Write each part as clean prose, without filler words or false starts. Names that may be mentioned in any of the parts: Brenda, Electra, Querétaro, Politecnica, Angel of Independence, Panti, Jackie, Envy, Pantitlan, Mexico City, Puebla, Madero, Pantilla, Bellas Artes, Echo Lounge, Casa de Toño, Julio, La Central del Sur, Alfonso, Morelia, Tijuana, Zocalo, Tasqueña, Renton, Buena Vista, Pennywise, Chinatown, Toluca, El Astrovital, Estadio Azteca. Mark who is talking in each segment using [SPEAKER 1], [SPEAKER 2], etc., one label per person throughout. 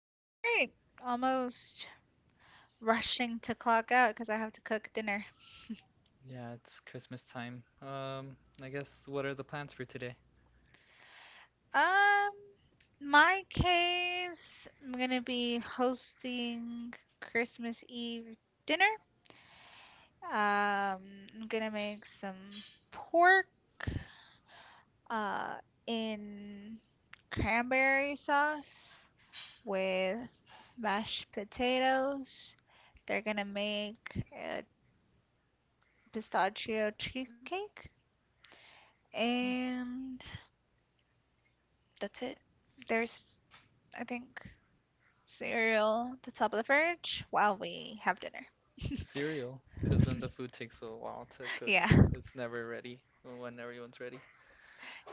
[SPEAKER 1] Doing great. Almost rushing to clock out because I have to cook dinner.
[SPEAKER 2] Yeah, it's Christmas time. I guess what are the plans for today?
[SPEAKER 1] Um, my case, I'm gonna be hosting Christmas Eve dinner. Um, I'm gonna make some pork, uh, in cranberry sauce with mashed potatoes. They're gonna make pistachio cheesecake,
[SPEAKER 2] Mm,
[SPEAKER 1] and that's it. There's, I think, cereal at the top of the fridge while we have dinner.
[SPEAKER 2] Cereal, because then the food takes a while to cook.
[SPEAKER 1] Yeah.
[SPEAKER 2] It's never ready when everyone's ready.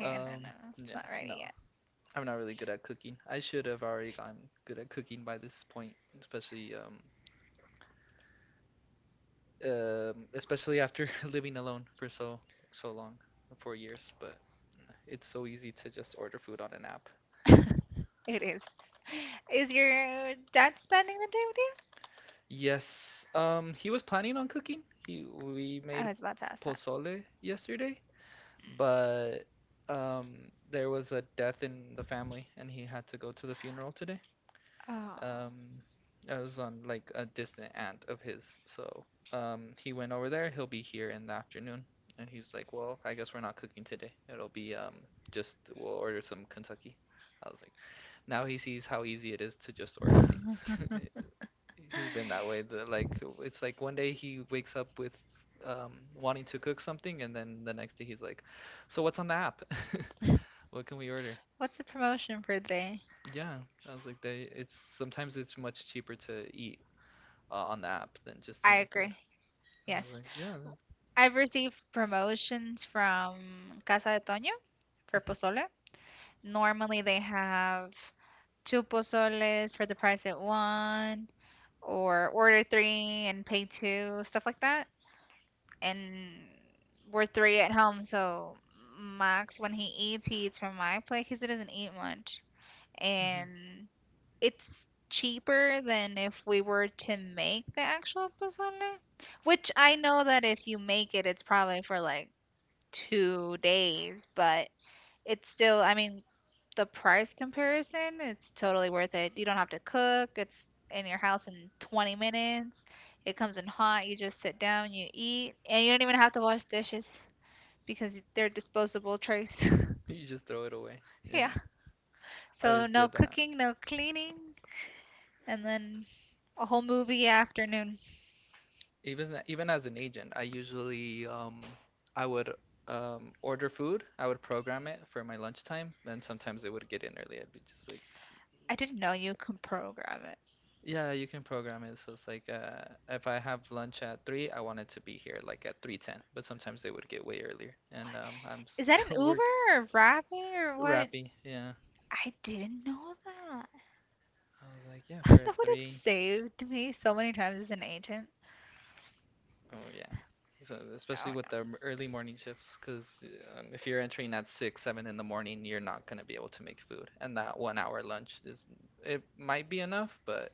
[SPEAKER 1] Yeah, no, no, it's
[SPEAKER 2] Yeah,
[SPEAKER 1] not
[SPEAKER 2] no.
[SPEAKER 1] ready
[SPEAKER 2] I'm not really good at cooking. I should have already gotten good at cooking by this point, especially especially after living alone for so long, 4 years, but it's so easy to just order food on an app.
[SPEAKER 1] yet. It is. Is your dad spending the day with you?
[SPEAKER 2] Yes. He was planning on cooking. He We
[SPEAKER 1] I
[SPEAKER 2] made
[SPEAKER 1] was about to ask that.
[SPEAKER 2] pozole yesterday, but there was a death in the family, and he had to go to the funeral today.
[SPEAKER 1] Oh.
[SPEAKER 2] Um, it was on like a distant aunt of his, so he went over there. He'll be here in the afternoon, and he was like, "Well, I guess we're not cooking today. It'll be just we'll order some Kentucky." I was like, now he sees how easy it is to just order things. He's been that way. Like it's like one day he wakes up with wanting to cook something, and then the next day he's like, "So what's on the app? What can we order?"
[SPEAKER 1] What's the promotion for today?
[SPEAKER 2] Yeah, I was like, they. It's sometimes it's much cheaper to eat on the app than just to
[SPEAKER 1] I
[SPEAKER 2] make food.
[SPEAKER 1] agree.
[SPEAKER 2] I was
[SPEAKER 1] Yes.
[SPEAKER 2] like, yeah,
[SPEAKER 1] I've received promotions from Casa de Toño for
[SPEAKER 2] that-
[SPEAKER 1] pozole. Normally they have two pozoles for the price of one, or order three and pay two, stuff like that. And we're three at home, so Max, when he eats from my plate because he doesn't eat much.
[SPEAKER 2] mhm.
[SPEAKER 1] And it's cheaper than if we were to make the actual pozole, which I know that if you make it, it's probably for like 2 days, but it's still, I mean, the price comparison, it's totally worth it. You don't have to cook. It's in your house in 20 minutes. It comes in hot. You just sit down, you eat, and you don't even have to wash dishes because they're disposable trays.
[SPEAKER 2] You just throw it away.
[SPEAKER 1] Yeah.
[SPEAKER 2] Yeah, I
[SPEAKER 1] So
[SPEAKER 2] always
[SPEAKER 1] no
[SPEAKER 2] did that.
[SPEAKER 1] cooking, no cleaning, and then a whole movie afternoon.
[SPEAKER 2] Even as an agent, I usually I would order food. I would program it for my lunchtime, and sometimes it would get in early. I'd be just like,
[SPEAKER 1] I didn't know you can program it.
[SPEAKER 2] yeah, you can program it. So it's like if I have lunch at 3, I want it to be here like at 3:10. But sometimes they would get way earlier,
[SPEAKER 1] What?
[SPEAKER 2] and I'm
[SPEAKER 1] Is that an
[SPEAKER 2] still
[SPEAKER 1] Uber
[SPEAKER 2] work
[SPEAKER 1] or Rappi or what?
[SPEAKER 2] wrapping. Yeah,
[SPEAKER 1] I didn't know that.
[SPEAKER 2] I was like, yeah,
[SPEAKER 1] That
[SPEAKER 2] for at
[SPEAKER 1] would have
[SPEAKER 2] three.
[SPEAKER 1] saved me so many times as an agent.
[SPEAKER 2] Oh yeah. So especially
[SPEAKER 1] Oh
[SPEAKER 2] with the
[SPEAKER 1] no.
[SPEAKER 2] early morning shifts, because if you're entering at 6, 7 in the morning, you're not gonna be able to make food, and that 1 hour lunch is it might be enough, but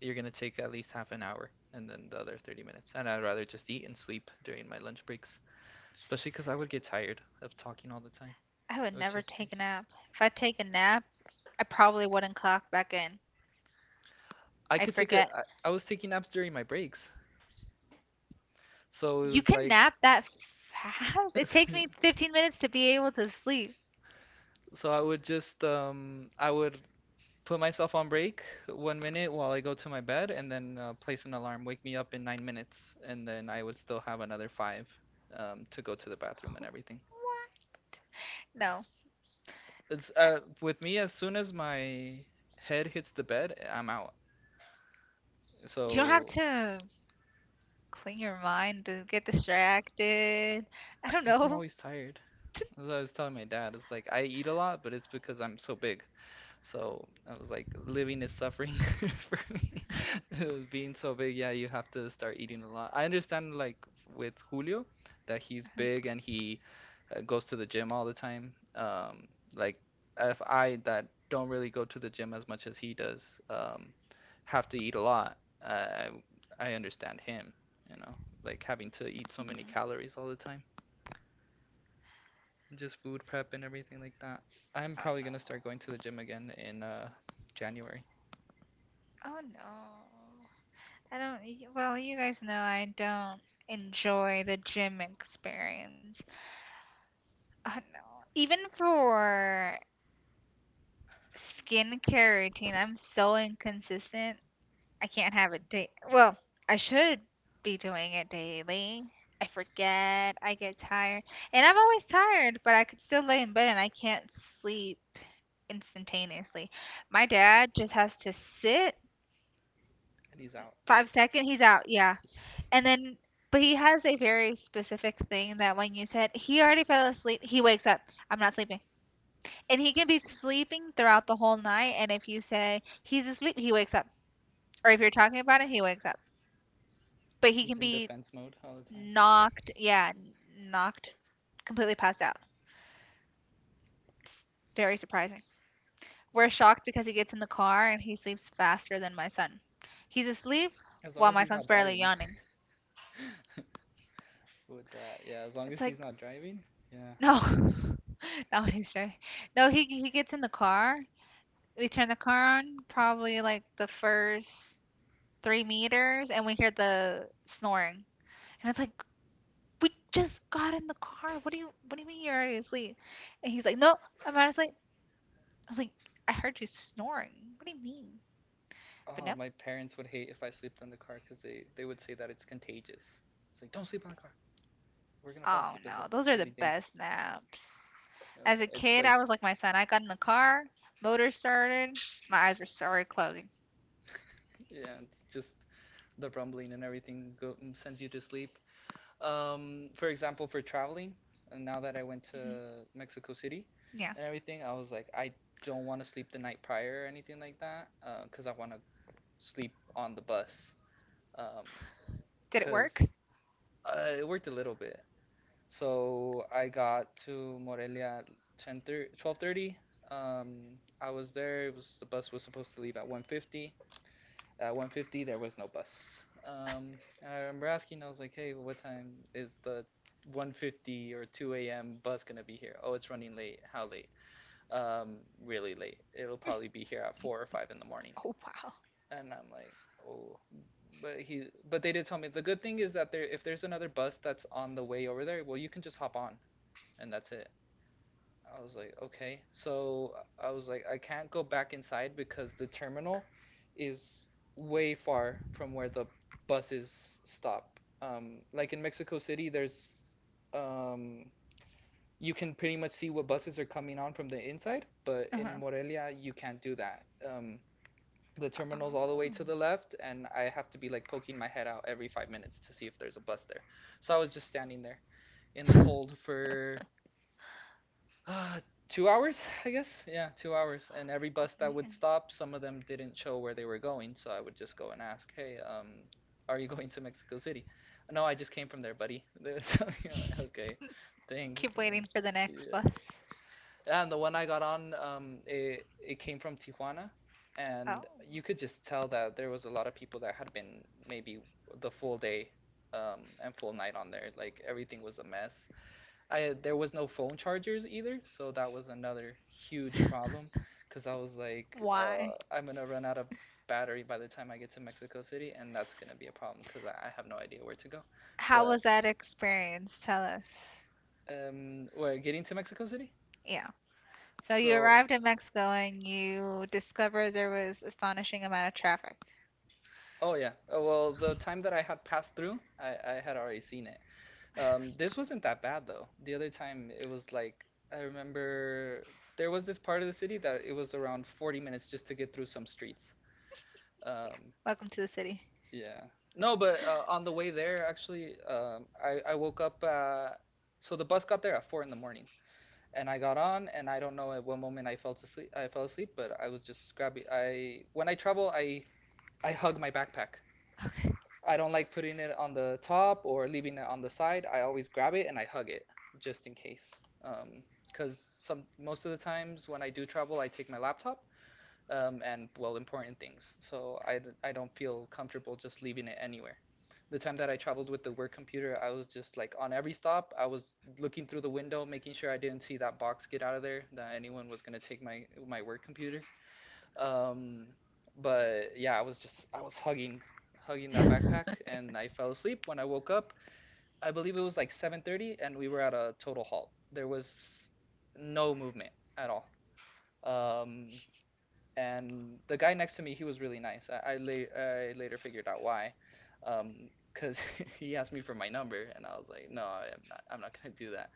[SPEAKER 2] you're gonna take at least half an hour, and then the other 30 minutes. And I'd rather just eat and sleep during my lunch breaks. Especially because I would get tired of talking all the time,
[SPEAKER 1] I would
[SPEAKER 2] which
[SPEAKER 1] never
[SPEAKER 2] is strange.
[SPEAKER 1] take a nap. If I take a nap, I probably wouldn't clock back in.
[SPEAKER 2] I
[SPEAKER 1] I'd
[SPEAKER 2] could take a.
[SPEAKER 1] forget.
[SPEAKER 2] I was taking naps during my breaks, so it
[SPEAKER 1] You
[SPEAKER 2] was
[SPEAKER 1] can
[SPEAKER 2] like,
[SPEAKER 1] nap that fast? It takes me 15 minutes to be able to sleep.
[SPEAKER 2] so I would put myself on break 1 minute while I go to my bed, and then place an alarm, wake me up in 9 minutes, and then I would still have another five to go to the bathroom and everything.
[SPEAKER 1] What? No.
[SPEAKER 2] It's
[SPEAKER 1] I-
[SPEAKER 2] with me as soon as my head hits the bed, I'm out.
[SPEAKER 1] You don't have
[SPEAKER 2] So
[SPEAKER 1] to clean your mind to get distracted. I
[SPEAKER 2] I
[SPEAKER 1] don't
[SPEAKER 2] guess I'm
[SPEAKER 1] know.
[SPEAKER 2] always tired. As I was telling my dad, it's like I eat a lot, but it's because I'm so big. So I was like, living is suffering for me. Being so big, yeah, you have to start eating a lot. I understand, like with Julio, that he's big and he goes to the gym all the time. Like if I that don't really go to the gym as much as he does, um, have to eat a lot. I I I understand him, you know, like having to eat so many
[SPEAKER 1] Mm.
[SPEAKER 2] calories all the time just food prep and everything like that. I'm
[SPEAKER 1] Oh
[SPEAKER 2] probably
[SPEAKER 1] no.
[SPEAKER 2] gonna start going to the gym again in January,
[SPEAKER 1] Oh no. I don't, well, you guys know I don't enjoy the gym experience. Oh no. Even for skincare routine. I'm so inconsistent. I can't have it day. Well, I should be doing it daily. I forget. I get tired. And I'm always tired, but I could still lay in bed and I can't sleep instantaneously. My dad just has to sit
[SPEAKER 2] and he's out.
[SPEAKER 1] 5 seconds, he's out. Yeah. And then, but he has a very specific thing that when you said he already fell asleep, he wakes up. I'm not sleeping. And he can be sleeping throughout the whole night. And if you say he's asleep, he wakes up. Or if you're talking about it, he wakes up. But he
[SPEAKER 2] He's
[SPEAKER 1] can
[SPEAKER 2] in
[SPEAKER 1] be
[SPEAKER 2] defense mode all the time.
[SPEAKER 1] knocked, yeah, knocked completely passed out. Very surprising. We're shocked because he gets in the car and he sleeps faster than my son. He's asleep
[SPEAKER 2] As long
[SPEAKER 1] while
[SPEAKER 2] as
[SPEAKER 1] my
[SPEAKER 2] he's
[SPEAKER 1] son's
[SPEAKER 2] not
[SPEAKER 1] barely
[SPEAKER 2] driving.
[SPEAKER 1] yawning.
[SPEAKER 2] With that, yeah, as long
[SPEAKER 1] It's
[SPEAKER 2] as he's
[SPEAKER 1] like,
[SPEAKER 2] not driving, yeah,
[SPEAKER 1] no,
[SPEAKER 2] definitely.
[SPEAKER 1] not when he's driving. No, he gets in the car. We turn the car on probably like the first 3 meters, and we hear the snoring. And it's like, we just got in the car. What do you mean you're already asleep? And he's like, no, I'm not asleep. I was like, I heard you snoring. What do you mean? But
[SPEAKER 2] Oh,
[SPEAKER 1] no.
[SPEAKER 2] my parents would hate if I slept in the car because they would say that it's contagious. It's like don't sleep in the car. We're gonna fall
[SPEAKER 1] Oh
[SPEAKER 2] asleep as
[SPEAKER 1] no,
[SPEAKER 2] well. It's
[SPEAKER 1] those are
[SPEAKER 2] gonna
[SPEAKER 1] the
[SPEAKER 2] be dangerous.
[SPEAKER 1] best naps.
[SPEAKER 2] You know,
[SPEAKER 1] As
[SPEAKER 2] so
[SPEAKER 1] a
[SPEAKER 2] it's
[SPEAKER 1] kid,
[SPEAKER 2] like
[SPEAKER 1] I was like my son. I got in the car, motor started, my eyes were sorry closing.
[SPEAKER 2] yeah, it's just the rumbling and everything go, sends you to sleep. For example, for traveling, and now that I went
[SPEAKER 1] Hmm.
[SPEAKER 2] to Mexico City
[SPEAKER 1] Yeah.
[SPEAKER 2] and everything, I was like, I don't want to sleep the night prior or anything like that, because I want to sleep on the bus. Um,
[SPEAKER 1] Did it
[SPEAKER 2] because
[SPEAKER 1] work?
[SPEAKER 2] it worked a little bit. So I got to Morelia at 10:30, 12:30. I was there. It was The bus was supposed to leave at 1:50. At 1:50, there was no bus. Um, and I remember asking, I was like, hey, what time is the 1:50 or 2 a.m. bus gonna be here? Oh, it's running late. How late? Um, Really late. It'll probably be here at 4 or 5 in the morning.
[SPEAKER 1] Oh wow.
[SPEAKER 2] And I'm like, oh, but they did tell me the good thing is that there, if there's another bus that's on the way over there, well, you can just hop on and that's it. I was like, okay. So I was like, I can't go back inside because the terminal is way far from where the buses stop. Like in Mexico City, there's um, you can pretty much see what buses are coming on from the inside, but in
[SPEAKER 1] Uh-huh.
[SPEAKER 2] Morelia, you can't do that. The terminal's all the way
[SPEAKER 1] Oh,
[SPEAKER 2] to the left, and I have to be like poking my head out every 5 minutes to see if there's a bus there. So I was just standing there in the cold for uh, 2 hours, I guess. Yeah, 2 hours. And every
[SPEAKER 1] oh
[SPEAKER 2] bus that would
[SPEAKER 1] man.
[SPEAKER 2] stop, some of them didn't show where they were going, so I would just go and ask, "Hey, are you going to Mexico City?" No, I just came from there, buddy. So, you like, okay, thanks.
[SPEAKER 1] Keep
[SPEAKER 2] And,
[SPEAKER 1] waiting for
[SPEAKER 2] so,
[SPEAKER 1] the next bus.
[SPEAKER 2] yeah. And the one I got on, it came from Tijuana,
[SPEAKER 1] Oh.
[SPEAKER 2] and you could just tell that there was a lot of people that had been maybe the full day, and full night on there. Like everything was a mess. I There was no phone chargers either, so that was another huge problem because I was like,
[SPEAKER 1] Why?
[SPEAKER 2] I'm gonna run out of battery by the time I get to Mexico City, and that's gonna be a problem because I have no idea where to go.
[SPEAKER 1] How
[SPEAKER 2] But
[SPEAKER 1] was that experience? Tell us.
[SPEAKER 2] we're getting to Mexico City,
[SPEAKER 1] Yeah. So you
[SPEAKER 2] so
[SPEAKER 1] arrived in Mexico and you discovered there was astonishing amount of traffic.
[SPEAKER 2] oh yeah. Well the time that I had passed through, I had already seen it. This wasn't that bad though. The other time it was like I remember there was this part of the city that it was around 40 minutes just to get through some streets. Um,
[SPEAKER 1] Welcome to the city.
[SPEAKER 2] Yeah. No, but on the way there, actually, I woke up. So the bus got there at 4 in the morning, and I got on, and I don't know at what moment I fell asleep. I fell asleep, but I was just grabbing. I when I travel, I hug my backpack. I don't like putting it on the top or leaving it on the side. I always grab it and I hug it just in case. Um, 'Cause some most of the times when I do travel, I take my laptop and well, important things. So I don't feel comfortable just leaving it anywhere. The time that I traveled with the work computer, I was just like on every stop, I was looking through the window, making sure I didn't see that box get out of there, that anyone was gonna take my work computer. Um, but yeah, I was hugging that backpack, and I fell asleep. When I woke up, I believe it was like 7:30, and we were at a total halt. There was no movement at all. Um, and the guy next to me, he was really nice. I later figured out why, because he asked me for my number, and I was like, no, I'm not gonna do that.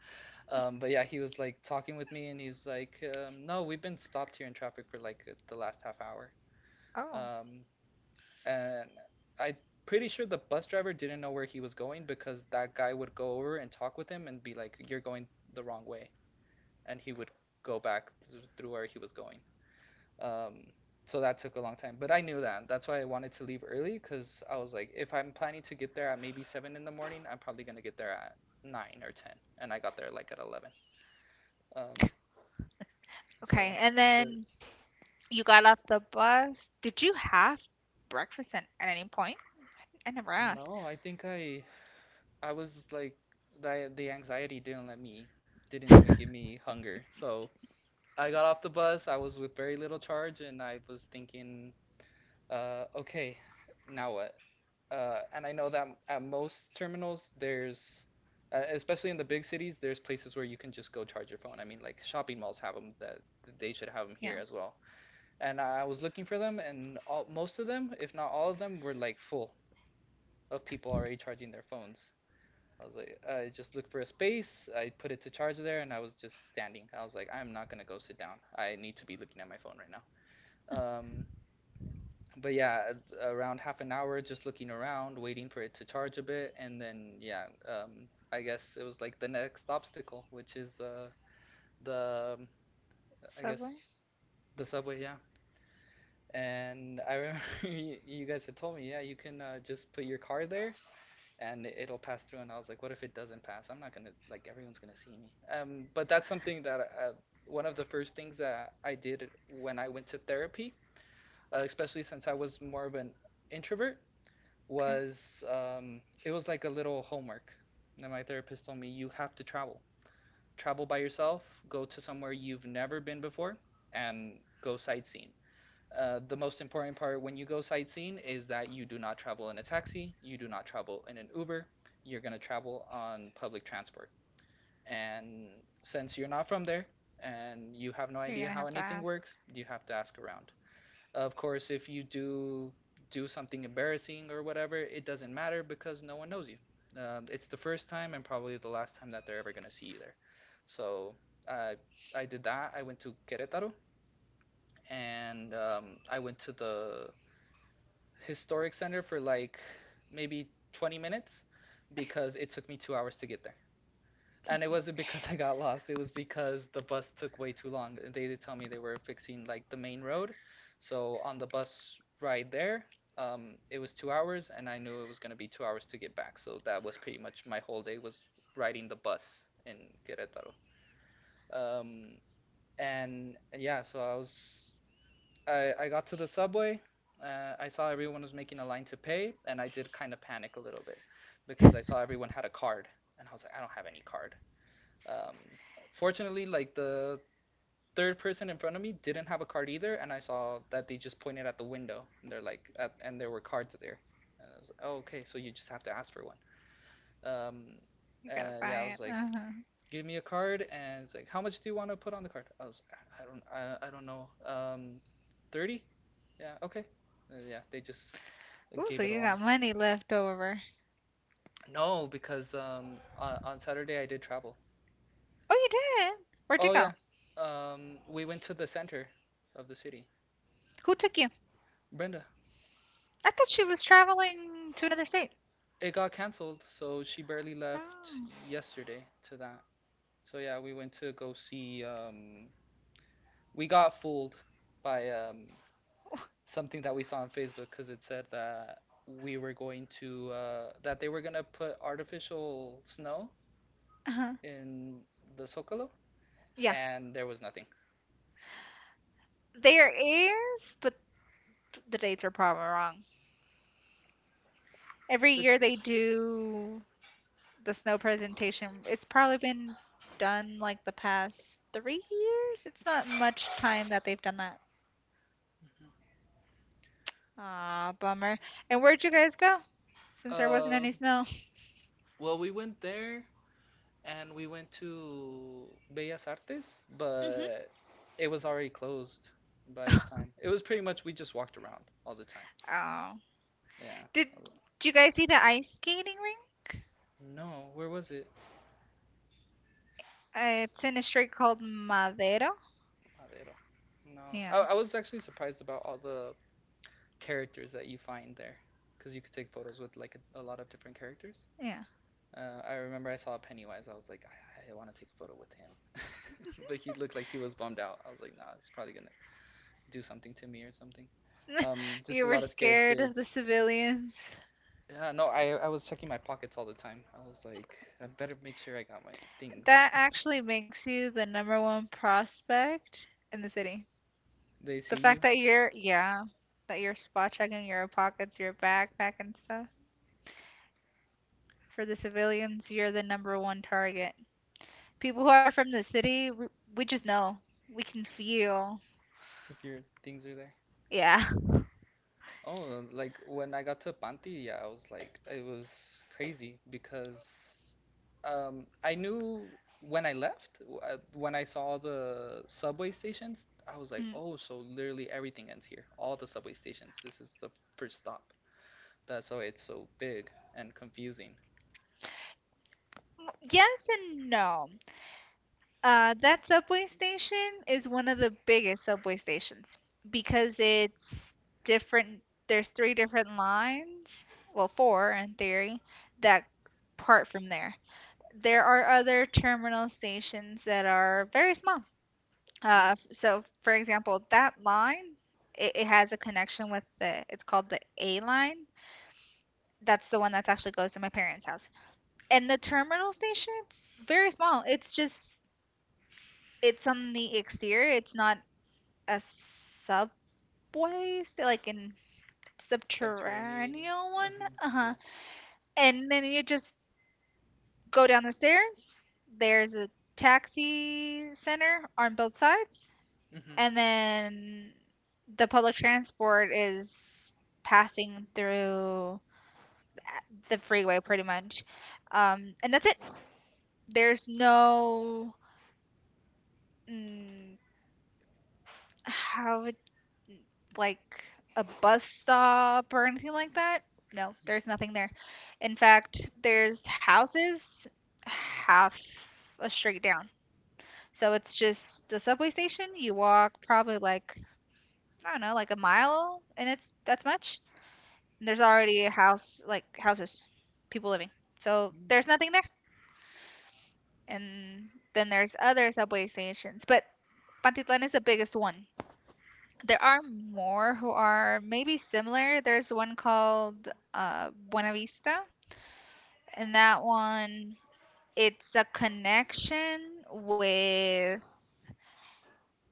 [SPEAKER 2] But yeah, he was like talking with me, and he's like, no, we've been stopped here in traffic for like the last half hour, um,
[SPEAKER 1] Oh,
[SPEAKER 2] and I pretty sure the bus driver didn't know where he was going because that guy would go over and talk with him and be like, you're going the wrong way, and he would go back through where he was going. Um, so that took a long time, but I knew that. That's why I wanted to leave early because I was like, if I'm planning to get there at maybe 7 in the morning, I'm probably gonna get there at 9 or 10, and I got there like at 11. Um, so,
[SPEAKER 1] okay. And
[SPEAKER 2] but
[SPEAKER 1] then you got off the bus. Did you have breakfast at any point? I never asked.
[SPEAKER 2] No, I think I was like the anxiety didn't let me, didn't even give me hunger. So I got off the bus. I was with very little charge, and I was thinking, okay, now what? And I know that at most terminals, there's, especially in the big cities, there's places where you can just go charge your phone. I mean, like shopping malls have them, that they should have them here
[SPEAKER 1] Yeah.
[SPEAKER 2] as well. And I was looking for them, and all, most of them, if not all of them, were like full of people already charging their phones. I was like, I just looked for a space. I put it to charge there, and I was just standing. I was like, I'm not gonna go sit down. I need to be looking at my phone right now. Um, but yeah, around half an hour just looking around, waiting for it to charge a bit, and then yeah, I guess it was like the next obstacle, which is the I guess
[SPEAKER 1] Subway?
[SPEAKER 2] the subway, yeah. And I remember you guys had told me, yeah, you can just put your car there and it'll pass through. And I was like, what if it doesn't pass? I'm not gonna like everyone's gonna see me. But that's something that one of the first things that I did when I went to therapy, especially since I was more of an introvert.
[SPEAKER 1] Okay.
[SPEAKER 2] Was it was like a little homework. And my therapist told me you have to travel, travel by yourself, go to somewhere you've never been before, and go sightseeing. The most important part when you go sightseeing is that you do not travel in a taxi, you do not travel in an Uber, you're going to travel on public transport. And since you're not from there and you have no
[SPEAKER 1] You're gonna
[SPEAKER 2] idea
[SPEAKER 1] have
[SPEAKER 2] how
[SPEAKER 1] to
[SPEAKER 2] anything
[SPEAKER 1] ask.
[SPEAKER 2] works, you have to ask around. Of course, if you do something embarrassing or whatever, it doesn't matter because no one knows you. It's the first time and probably the last time that they're ever gonna see you there. So I I did that. I went to Querétaro and I went to the historic center for like maybe 20 minutes because it took me 2 hours to get there. And it wasn't because I got lost. It was because the bus took way too long. They did tell me they were fixing like the main road. So on the bus ride there, it was 2 hours, and I knew it was gonna be 2 hours to get back. So that was pretty much my whole day was riding the bus in Querétaro. Um, and yeah, so I was I got to the subway. I saw everyone was making a line to pay, and I did kind of panic a little bit because I saw everyone had a card, and I was like, I don't have any card. Um, fortunately, like the third person in front of me didn't have a card either, and I saw that they just pointed at the window, and they're like, at, and there were cards there. And I was like, oh, okay, so you just have to ask for one. Um,
[SPEAKER 1] You gotta
[SPEAKER 2] and yeah, I
[SPEAKER 1] buy
[SPEAKER 2] was
[SPEAKER 1] it.
[SPEAKER 2] like,
[SPEAKER 1] Uh-huh.
[SPEAKER 2] give me a card, and it's like, how much do you want to put on the card? I was, I don't know. 30? Yeah, okay. Yeah, they just
[SPEAKER 1] Ooh,
[SPEAKER 2] gave
[SPEAKER 1] so
[SPEAKER 2] it
[SPEAKER 1] you
[SPEAKER 2] along.
[SPEAKER 1] got money left over.
[SPEAKER 2] No, because on Saturday I did travel.
[SPEAKER 1] Oh, you did? Where'd you
[SPEAKER 2] Oh
[SPEAKER 1] go?
[SPEAKER 2] yeah, we went to the center of the city.
[SPEAKER 1] Who took you?
[SPEAKER 2] Brenda,
[SPEAKER 1] I thought she was traveling to another state.
[SPEAKER 2] it got canceled, so she barely left
[SPEAKER 1] Oh.
[SPEAKER 2] yesterday to that. So yeah, we went to go see. We got fooled by something that we saw on Facebook because it said that we were going to that they were gonna put artificial snow
[SPEAKER 1] Uh-huh.
[SPEAKER 2] in the Zocalo,
[SPEAKER 1] Yeah.
[SPEAKER 2] and there was nothing.
[SPEAKER 1] There is, but the dates are probably wrong. Every year
[SPEAKER 2] It's
[SPEAKER 1] they do the snow presentation. It's probably been done like the past 3 years. It's not much time that they've done that. Ah, bummer. And where'd you guys go? Since there wasn't
[SPEAKER 2] uh,
[SPEAKER 1] any snow.
[SPEAKER 2] well, we went there and we went to Bellas Artes,
[SPEAKER 1] Hmm.
[SPEAKER 2] but it was already closed by the time. It was pretty much we just walked around all the time.
[SPEAKER 1] Oh.
[SPEAKER 2] Yeah.
[SPEAKER 1] Did, did you guys see the ice skating rink?
[SPEAKER 2] No, where was it?
[SPEAKER 1] It's in a street called Madero.
[SPEAKER 2] Madero. No,
[SPEAKER 1] Yeah,
[SPEAKER 2] I was actually surprised about all the characters that you find there, because you could take photos with like a lot of different characters.
[SPEAKER 1] yeah.
[SPEAKER 2] I remember I saw Pennywise. I was like, I want to take a photo with him, but he looked like he was bummed out. I was like, nah, he's probably gonna do something to me or something. Just
[SPEAKER 1] You
[SPEAKER 2] a
[SPEAKER 1] were
[SPEAKER 2] lot of scared
[SPEAKER 1] scared of the
[SPEAKER 2] kids.
[SPEAKER 1] civilians.
[SPEAKER 2] Yeah, no, I was checking my pockets all the time. I was like, I better make sure I got my things.
[SPEAKER 1] That actually makes you the number one prospect in the city.
[SPEAKER 2] They
[SPEAKER 1] The
[SPEAKER 2] see
[SPEAKER 1] fact
[SPEAKER 2] you
[SPEAKER 1] that you're, yeah, that you're spot checking your pockets, your backpack, and stuff. For the civilians, you're the number one target. People who are from the city, we just know. We can feel.
[SPEAKER 2] if your things are there.
[SPEAKER 1] Yeah.
[SPEAKER 2] Oh, like when I got to Panti, yeah, I was like, it was crazy because I knew when I left, when I saw the subway stations, I was like,
[SPEAKER 1] Mm.
[SPEAKER 2] oh, so literally everything ends here. All the subway stations. This is the first stop. That's why it's so big and confusing.
[SPEAKER 1] Yes and no. That subway station is one of the biggest subway stations because it's different. There's three different lines, well, four in theory, that part from there. There are other terminal stations that are very small.
[SPEAKER 2] Mm,
[SPEAKER 1] So, for example, that line, it has a connection with the, it's called the A line. That's the one that actually goes to my parents' house. And the terminal station, it's very small. It's just, it's on the exterior. It's not a subway, so like in
[SPEAKER 2] subterranean.
[SPEAKER 1] subterranean one.
[SPEAKER 2] Mhm.
[SPEAKER 1] Uh huh.
[SPEAKER 2] Yeah.
[SPEAKER 1] And then you just go down the stairs. There's a taxi center on both sides,
[SPEAKER 2] Hmm.
[SPEAKER 1] and then the public transport is passing through the freeway pretty much. And that's it. There's no mm, how like a bus stop or anything like that. No, there's nothing there. In fact, there's houses half a street down. So it's just the subway station. You walk probably like I don't know, like a mile, and it's that's much. And there's already a house, like houses, people living. So
[SPEAKER 2] Mm.
[SPEAKER 1] there's nothing there. And then there's other subway stations, but Pantitlan is the biggest one. There are more who are maybe similar. There's one called Buena Vista, and that one it's a connection with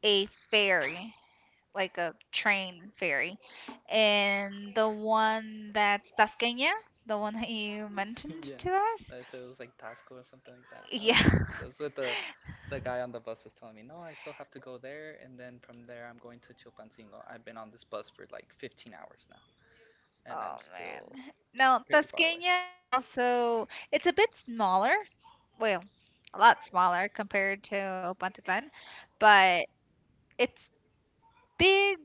[SPEAKER 1] a ferry, like a train ferry. And the one that's Tasqueña, the one that you mentioned
[SPEAKER 2] Yeah,
[SPEAKER 1] to us,
[SPEAKER 2] I said it was like Tasco or something like that. I was,
[SPEAKER 1] yeah,
[SPEAKER 2] that's what the guy on the bus was telling me. No, I still have to go there, and then from there I'm going to Chilpancingo. I've been on this bus for like 15 hours now, and
[SPEAKER 1] Oh
[SPEAKER 2] I'm still
[SPEAKER 1] man. Now,
[SPEAKER 2] pretty far away.
[SPEAKER 1] Tasqueña is also it's a bit smaller. Well, a lot smaller compared to Opantitlan, but it's big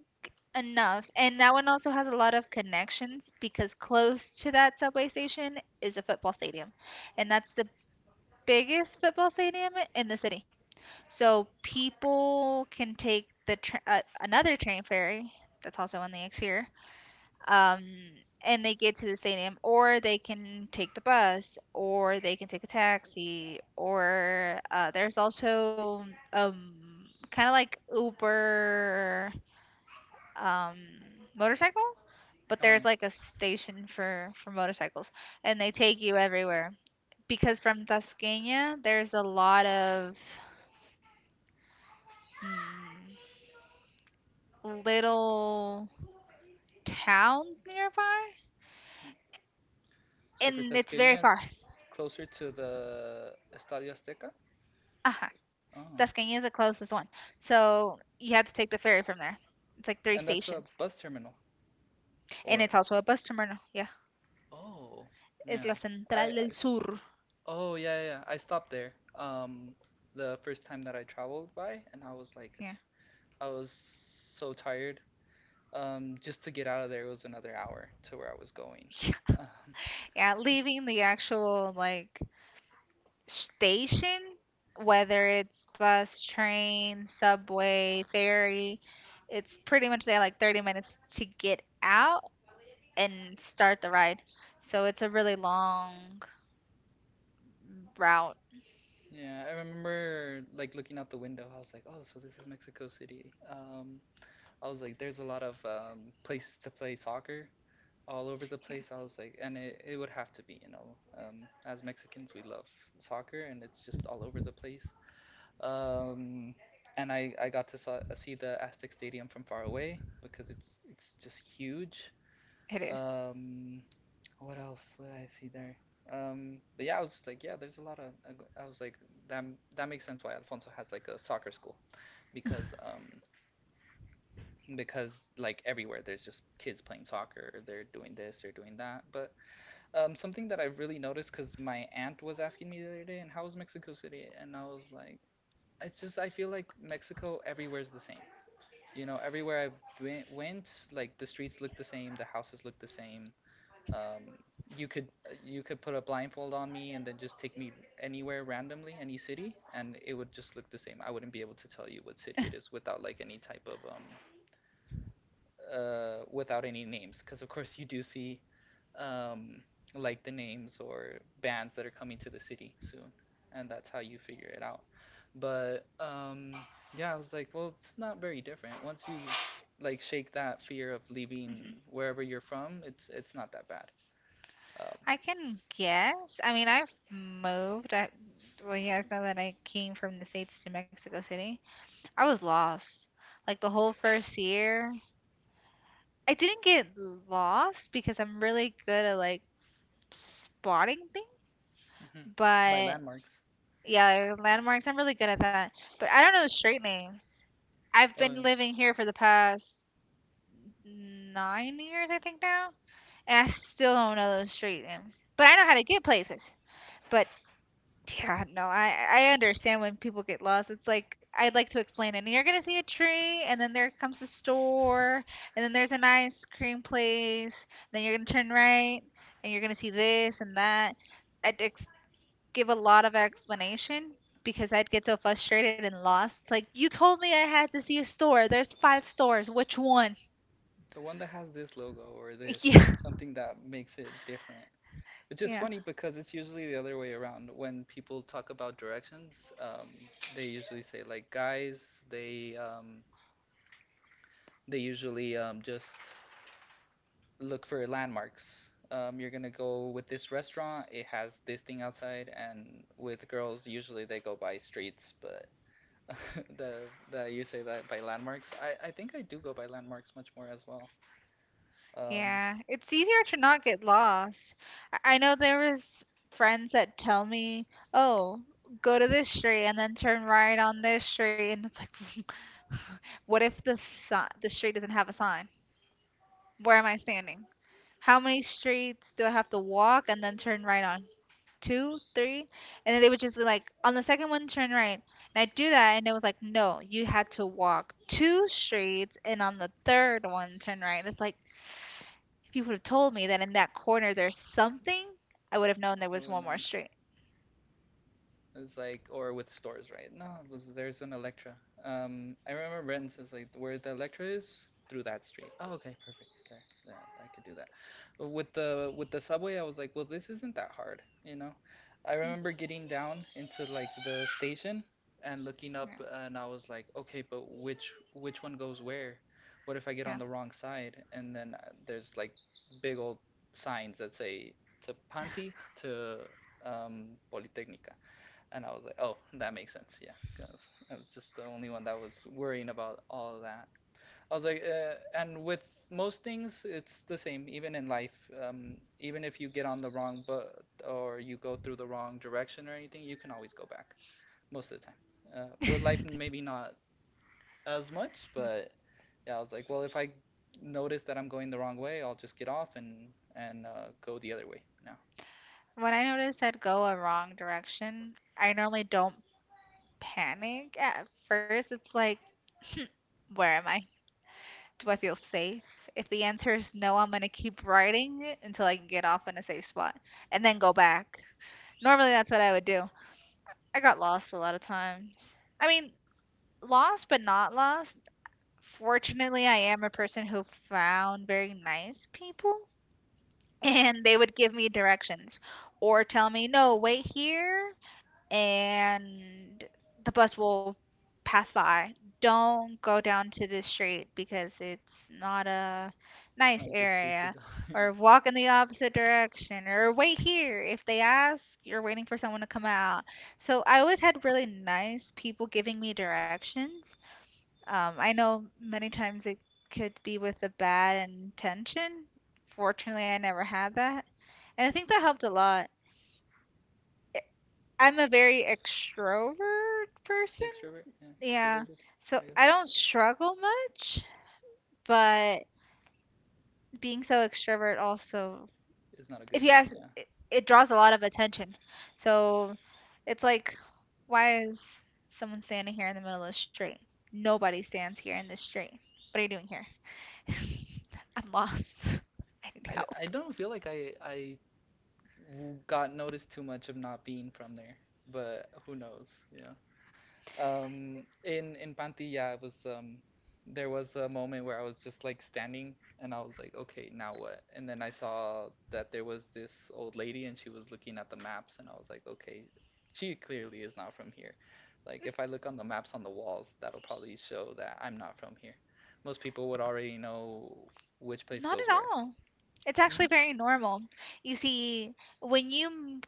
[SPEAKER 1] enough. And that one also has a lot of connections because close to that subway station is a football stadium. And that's the biggest football stadium in the city. So people can take the another train ferry that's also on the exterior um, and they get to the stadium, or they can take the bus, or they can take a taxi, or there's also kind of like Uber um, motorcycle, but
[SPEAKER 2] Oh yeah.
[SPEAKER 1] there's like a station for motorcycles, and they take you everywhere because from Tasqueña there's a lot of hmm, little towns nearby,
[SPEAKER 2] Mm. So for
[SPEAKER 1] and it's very
[SPEAKER 2] Tasqueña,
[SPEAKER 1] far.
[SPEAKER 2] it's closer to the Estadio Azteca.
[SPEAKER 1] Uh
[SPEAKER 2] Oh,
[SPEAKER 1] Tuscany is the closest one. So you have to take the ferry from there. It's like three
[SPEAKER 2] and that's a
[SPEAKER 1] stations.
[SPEAKER 2] bus terminal,
[SPEAKER 1] And it's
[SPEAKER 2] or
[SPEAKER 1] also a bus terminal. Yeah.
[SPEAKER 2] oh,
[SPEAKER 1] It's La
[SPEAKER 2] yeah. I,
[SPEAKER 1] Central
[SPEAKER 2] I
[SPEAKER 1] del
[SPEAKER 2] s-
[SPEAKER 1] Sur.
[SPEAKER 2] oh, yeah, yeah, yeah. I stopped there. The first time that I traveled by, and I was like,
[SPEAKER 1] Yeah.
[SPEAKER 2] I was so tired. Just to get out of there was another hour to where I was going. Um,
[SPEAKER 1] Yeah, leaving the actual like station, whether it's bus, train, subway, ferry, it's pretty much there like 30 minutes to get out and start the ride. So it's a really long route.
[SPEAKER 2] yeah, I remember like looking out the window. I was like, oh, so this is Mexico City. I was like, there's a lot of places to play soccer all over the
[SPEAKER 1] Yeah,
[SPEAKER 2] place. I was like, and it would have to be, you know, as Mexicans, we love soccer, and it's just all over the place. Um, and I got to see the Aztec Stadium from far away because it's just huge.
[SPEAKER 1] it is.
[SPEAKER 2] Um, what else? What did I see there? But yeah, I was just like, yeah, there's a lot of. I was like, that that makes sense why Alfonso has like a soccer school, because because like everywhere there's just kids playing soccer, they're doing this, they're doing that. But something that I really noticed, because my aunt was asking me the other day, and how was Mexico City? And I was like, it's just I feel like Mexico everywhere's the same. You know, everywhere went, like the streets look the same, the houses look the same, um, you could you could put a blindfold on me and then just take me anywhere randomly, any city, and it would just look the same. I wouldn't be able to tell you what city it is without like any type of without any names, because of course you do see um like the names or bands that are coming to the city soon, and that's how you figure it out. But yeah, I was like, well, it's not very different. Once you like shake that fear of leaving
[SPEAKER 1] Mm-hmm.
[SPEAKER 2] wherever you're from, it's not that bad. Um.
[SPEAKER 1] I can guess. I mean, I've moved. Well, you guys know that I came from the States to Mexico City. I was lost. Like the whole first year. I didn't get lost because I'm really good at like spotting things.
[SPEAKER 2] Mhm. By
[SPEAKER 1] But
[SPEAKER 2] landmarks.
[SPEAKER 1] yeah, like, landmarks, I'm really good at that. But I don't know street names. I've
[SPEAKER 2] Oh,
[SPEAKER 1] been
[SPEAKER 2] yeah.
[SPEAKER 1] living here for the past 9 years, I think now, and I still don't know those street names. But I know how to get places. But yeah, no, I understand when people get lost. It's like I'd like to explain it. And you're gonna see a tree, and then there comes a store, and then there's an ice cream place. Then you're gonna turn right, and you're gonna see this and that. I'd ex give a lot of explanation because I'd get so frustrated and lost. It's like you told me I had to see a store. There's five stores. Which one?
[SPEAKER 2] The one that has this logo or this, right?
[SPEAKER 1] Yeah,
[SPEAKER 2] Something that makes it different. Which is
[SPEAKER 1] yeah.
[SPEAKER 2] funny because it's usually the other way around. When people talk about directions, they usually say like guys, they um, they usually just look for landmarks. You're gonna go with this restaurant. It has this thing outside, and with girls, usually they go by streets. But the you say that by landmarks. I think I do go by landmarks much more as well. Um,
[SPEAKER 1] Yeah, it's easier to not get lost. I know there was friends that tell me, "Oh, go to this street and then turn right on this street." And it's like, what if the the street doesn't have a sign? Where am I standing? How many streets do I have to walk and then turn right on? Two, three? And then they would just be like, "On the second one, turn right." And I'd do that, and it was like, "No, you had to walk two streets and on the third one, turn right." It's like, if you would have told me that in that corner there's something, I would have known there
[SPEAKER 2] I
[SPEAKER 1] was
[SPEAKER 2] would have
[SPEAKER 1] one more
[SPEAKER 2] known.
[SPEAKER 1] street.
[SPEAKER 2] It was like, or with stores, right? No, it was there's an Electra. I remember Renton says like where the Electra is through that street. Oh, okay, perfect. There, yeah, I could do that. But with the subway, I was like, well, this isn't that hard, you know. I
[SPEAKER 1] Mm.
[SPEAKER 2] remember getting down into like the station and looking
[SPEAKER 1] Yeah.
[SPEAKER 2] up, and I was like, okay, but which one goes where? What if I get on
[SPEAKER 1] Yeah.
[SPEAKER 2] the wrong side? And then there's like big old signs that say to Panti, to Politecnica, and I was like, oh, that makes sense, yeah, because I was just the only one that was worrying about all of that. I was like, And with most things, it's the same, even in life. Even if you get on the wrong but or you go through the wrong direction or anything, you can always go back most of the time. With life, maybe not as much, but yeah, I was like, well, if I notice that I'm going the wrong way, I'll just get off and go the other way. No,
[SPEAKER 1] When I notice I'd go a wrong direction, I normally don't panic at first. It's like, where am I? Do I feel safe? If the answer is no, I'm gonna keep riding until I can get off in a safe spot and then go back. Normally, that's what I would do. I got lost a lot of times. I mean, lost but not lost. Fortunately, I am a person who found very nice people, and they would give me directions or tell me, no, wait here, and the bus will pass by. Don't go down to this street because it's not a
[SPEAKER 2] it's
[SPEAKER 1] nice
[SPEAKER 2] not a good street to
[SPEAKER 1] area.
[SPEAKER 2] go. Yeah.
[SPEAKER 1] Or walk in the opposite direction, or wait here. If they ask, you're waiting for someone to come out. So I always had really nice people giving me directions. I know many times it could be with a bad intention. Fortunately, I never had that. And I think that helped a lot. I'm a very extrovert person.
[SPEAKER 2] Extrovert, yeah,
[SPEAKER 1] Yeah.
[SPEAKER 2] extroverted,
[SPEAKER 1] So
[SPEAKER 2] I guess.
[SPEAKER 1] I don't struggle much, but being so extrovert also,
[SPEAKER 2] It's not a
[SPEAKER 1] if
[SPEAKER 2] good
[SPEAKER 1] you
[SPEAKER 2] thing,
[SPEAKER 1] ask,
[SPEAKER 2] yeah.
[SPEAKER 1] it draws a lot of attention. So it's like, why is someone standing here in the middle of the street? Nobody stands here in the street. What are you doing here? I'm lost. I need
[SPEAKER 2] I
[SPEAKER 1] help.
[SPEAKER 2] don't feel like I got noticed too much of not being from there, but who knows, yeah. In Pantilla, it was there was a moment where I was just like standing, and I was like, okay, now what? And then I saw that there was this old lady, and she was looking at the maps, and I was like, okay, she clearly is not from here. Like if I look on the maps on the walls, that'll probably show that I'm not from here. Most people would already know which place
[SPEAKER 1] Not
[SPEAKER 2] goes
[SPEAKER 1] at
[SPEAKER 2] where.
[SPEAKER 1] all. It's
[SPEAKER 2] No?
[SPEAKER 1] actually very normal. You see, when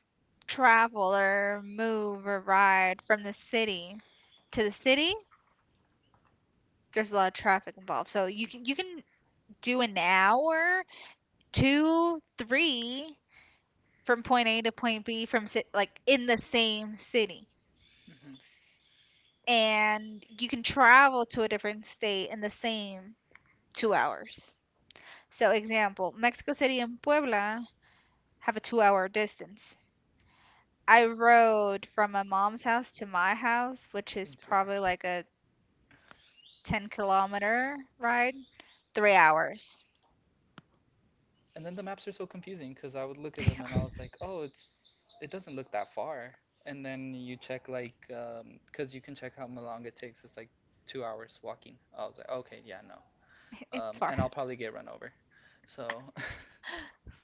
[SPEAKER 1] travel or move or ride from the city to the city, there's a lot of traffic involved. So you can do an hour, two, three from point A to point B like in the same city,
[SPEAKER 2] Hmm.
[SPEAKER 1] and you can travel to a different state in the same 2 hours. So example, Mexico City and Puebla have a 2-hour distance. I rode from my mom's house to my house, which is
[SPEAKER 2] In two
[SPEAKER 1] probably
[SPEAKER 2] hours.
[SPEAKER 1] like a 10-kilometer ride, 3 hours.
[SPEAKER 2] And then the maps are so confusing because I would look at
[SPEAKER 1] They
[SPEAKER 2] them and I
[SPEAKER 1] are.
[SPEAKER 2] was like, oh, it doesn't look that far. And then you check like because you can check how long it takes. It's like 2 hours walking. I was like, okay, yeah, no.
[SPEAKER 1] It's
[SPEAKER 2] And
[SPEAKER 1] far.
[SPEAKER 2] I'll probably get run over. So,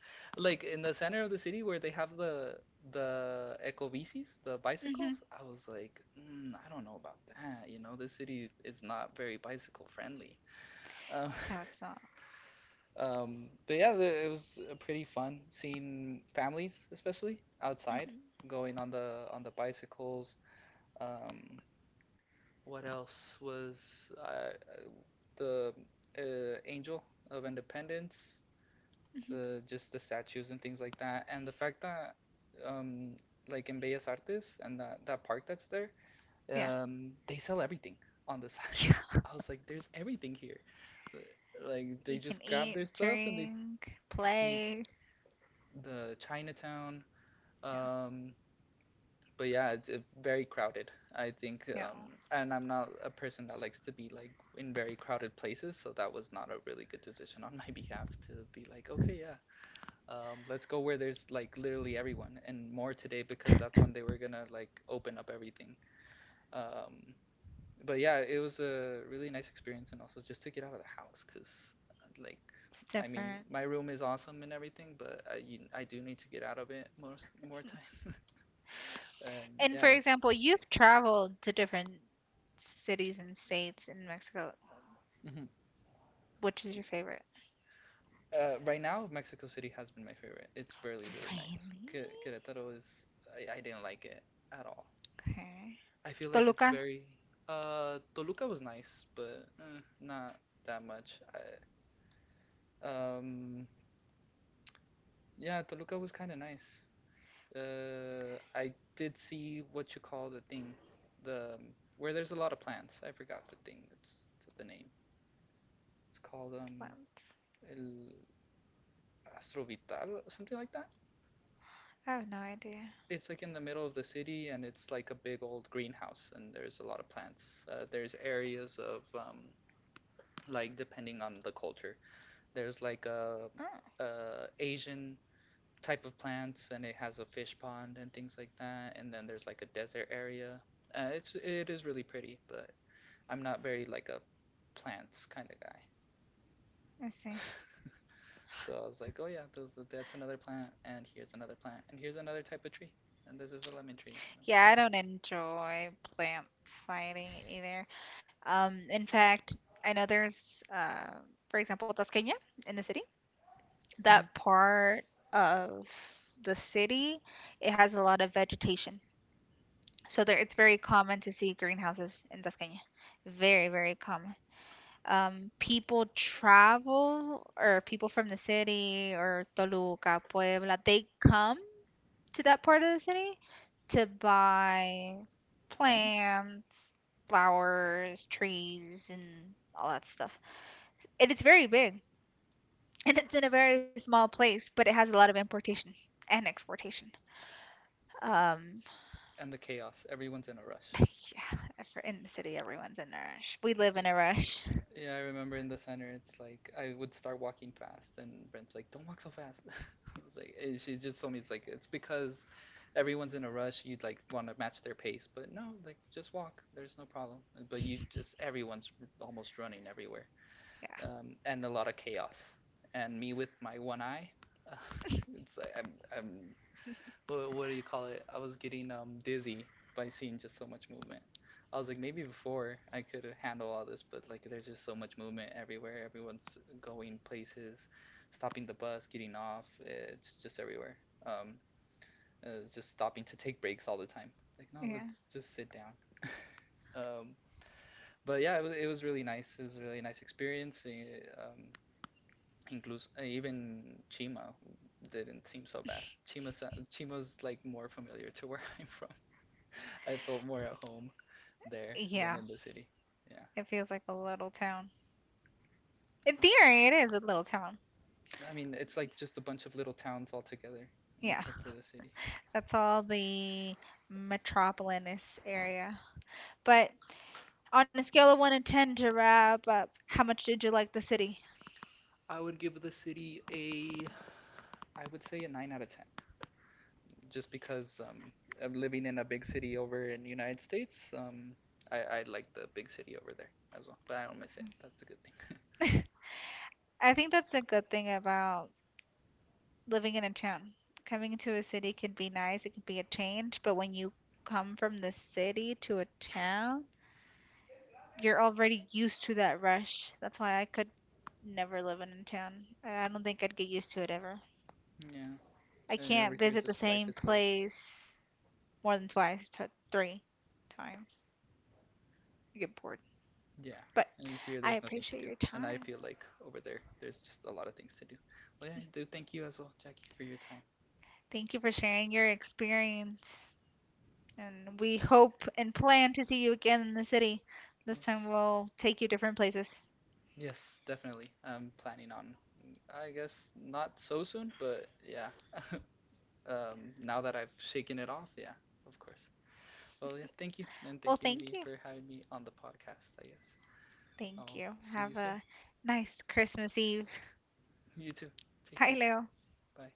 [SPEAKER 2] like in the center of the city where they have the ecobicis, the
[SPEAKER 1] Hmm.
[SPEAKER 2] bicycles, I was like, mm, I don't know about that. You know, this city is not very bicycle friendly. Um,
[SPEAKER 1] No, it's not.
[SPEAKER 2] but yeah, it was pretty fun seeing families, especially outside,
[SPEAKER 1] Hmm.
[SPEAKER 2] going on the bicycles. Um, what else was I, the Angel of Independence,
[SPEAKER 1] Hmm.
[SPEAKER 2] the just the statues and things like that, and the fact that um, like in Bellas Artes and that park that's there,
[SPEAKER 1] Yeah.
[SPEAKER 2] they sell everything on the
[SPEAKER 1] Yeah.
[SPEAKER 2] signs. I was like, there's everything here. Like they
[SPEAKER 1] You can
[SPEAKER 2] just grab
[SPEAKER 1] eat,
[SPEAKER 2] their stuff and they
[SPEAKER 1] drink,
[SPEAKER 2] you
[SPEAKER 1] play.
[SPEAKER 2] the Chinatown.
[SPEAKER 1] Yeah.
[SPEAKER 2] Um, but yeah, it's very crowded, I think.
[SPEAKER 1] Yeah.
[SPEAKER 2] And I'm not a person that likes to be like in very crowded places, so that was not a really good decision on my behalf to be like, okay, yeah, let's go where there's like literally everyone and more today because that's when they were gonna like open up everything. Um, but yeah, it was a really nice experience, and also just to get out of the house, cause like,
[SPEAKER 1] It's
[SPEAKER 2] I mean,
[SPEAKER 1] different.
[SPEAKER 2] my room is awesome and everything, but I do need to get out of it most more time. And
[SPEAKER 1] And for
[SPEAKER 2] yeah,
[SPEAKER 1] example, you've traveled to different cities and states in Mexico.
[SPEAKER 2] hmm.
[SPEAKER 1] Which is your favorite?
[SPEAKER 2] Right now Mexico City has been my favorite. It's really really
[SPEAKER 1] Really?
[SPEAKER 2] nice. Querétaro is I didn't like it at all.
[SPEAKER 1] Okay.
[SPEAKER 2] I feel like it's
[SPEAKER 1] Toluca?
[SPEAKER 2] very Toluca was nice, but not that much. Um yeah, Toluca was kind of nice. I did see what you call the thing, the where there's a lot of plants. I forgot the thing. It's the name. It's called
[SPEAKER 1] Plants.
[SPEAKER 2] El Astrovital, something like that.
[SPEAKER 1] I have no idea.
[SPEAKER 2] It's like in the middle of the city, and it's like a big old greenhouse, and there's a lot of plants. There's areas of like depending on the culture. There's like a,
[SPEAKER 1] Oh,
[SPEAKER 2] a Asian type of plants, and it has a fish pond and things like that. And then there's like a desert area. It is really pretty, but I'm not very like a plants kind of guy.
[SPEAKER 1] I see.
[SPEAKER 2] So I was like, oh yeah, those that's another plant, and here's another plant, and here's another type of tree, and this is a lemon tree. And I was like,
[SPEAKER 1] Yeah,
[SPEAKER 2] oh,
[SPEAKER 1] I don't enjoy plant fighting either. In fact, I know there's, for example, Tasqueña in the city. That part of the city, it has a lot of vegetation. So there, it's very common to see greenhouses in Tasqueña. Very, very common. People travel or people from the city or Toluca, Puebla, they come to that part of the city to buy
[SPEAKER 2] plants
[SPEAKER 1] plants, flowers, trees, and all that stuff. And it's very big. And it's in a very small place, but it has a lot of importation and exportation. Um,
[SPEAKER 2] and the chaos. Everyone's in a rush.
[SPEAKER 1] yeah, if we're in the city, everyone's in a rush. We live in a rush.
[SPEAKER 2] Yeah, I remember in the center, it's like I would start walking fast, and Brent's like, "Don't walk so fast." I was like, and she just told me it's like it's because everyone's in a rush. You'd like want to match their pace, but no, like just walk. There's no problem. But you just everyone's almost running everywhere,
[SPEAKER 1] Yeah,
[SPEAKER 2] and a lot of chaos. And me with my one eye, it's like I'm but what do you call it? I was getting dizzy by seeing just so much movement. I was like, maybe before I could handle all this, but like, there's just so much movement everywhere. Everyone's going places, stopping the bus, getting off. It's just everywhere. Um, just stopping to take breaks all the time. Like, no,
[SPEAKER 1] yeah,
[SPEAKER 2] let's just sit down. um, but yeah, it was really nice. It was a really nice experience. Even Chima didn't seem so bad. Chima, Chima's like more familiar to where I'm from. I felt more at home there than
[SPEAKER 1] yeah.
[SPEAKER 2] in the city. Yeah.
[SPEAKER 1] It feels like a little town. In theory, it is a little town.
[SPEAKER 2] I mean, it's like just a bunch of little towns all together,
[SPEAKER 1] Yeah,
[SPEAKER 2] except for the city.
[SPEAKER 1] that's all the metropolis area. But on a scale of 1 to 10 to wrap up, how much did you like the city?
[SPEAKER 2] I would give the city a, I would say a 9 out of 10. Just because I'm living in a big city over in the United States, I like the big city over there as well. But I don't miss it. That's a good
[SPEAKER 1] I think that's a good thing about living in a town. Coming to a city can be nice, it can be a change, but when you come from the city to a town, you're already used to that rush. That's why I could never live in a town. I don't think I'd get used to it ever.
[SPEAKER 2] thing.
[SPEAKER 1] I
[SPEAKER 2] Yeah. And over
[SPEAKER 1] can't
[SPEAKER 2] here,
[SPEAKER 1] visit the
[SPEAKER 2] just life
[SPEAKER 1] same
[SPEAKER 2] is so
[SPEAKER 1] place more than twice, three times. You get bored.
[SPEAKER 2] yeah,
[SPEAKER 1] But
[SPEAKER 2] and here
[SPEAKER 1] I
[SPEAKER 2] there's nothing to
[SPEAKER 1] appreciate
[SPEAKER 2] do,
[SPEAKER 1] your
[SPEAKER 2] and I
[SPEAKER 1] time.
[SPEAKER 2] feel like over there there's just a lot of things to do. Well, yeah, I do thank you as well, Jackie, for your time.
[SPEAKER 1] Thank you for sharing your experience. And we hope and plan to see you again in the city. This time
[SPEAKER 2] Yes,
[SPEAKER 1] we'll take you different places.
[SPEAKER 2] yes, definitely. I'm planning on, I guess not so soon, but yeah. Now that I've shaken it off, yeah, of course. Well, yeah, thank you, and
[SPEAKER 1] Well,
[SPEAKER 2] thank you
[SPEAKER 1] thank
[SPEAKER 2] Envy,
[SPEAKER 1] you.
[SPEAKER 2] for having me on the podcast. I guess
[SPEAKER 1] Thank
[SPEAKER 2] I'll
[SPEAKER 1] you.
[SPEAKER 2] see
[SPEAKER 1] Have
[SPEAKER 2] you soon.
[SPEAKER 1] a nice Christmas Eve.
[SPEAKER 2] You too. Take
[SPEAKER 1] Bye,
[SPEAKER 2] care.
[SPEAKER 1] Leo.
[SPEAKER 2] Bye.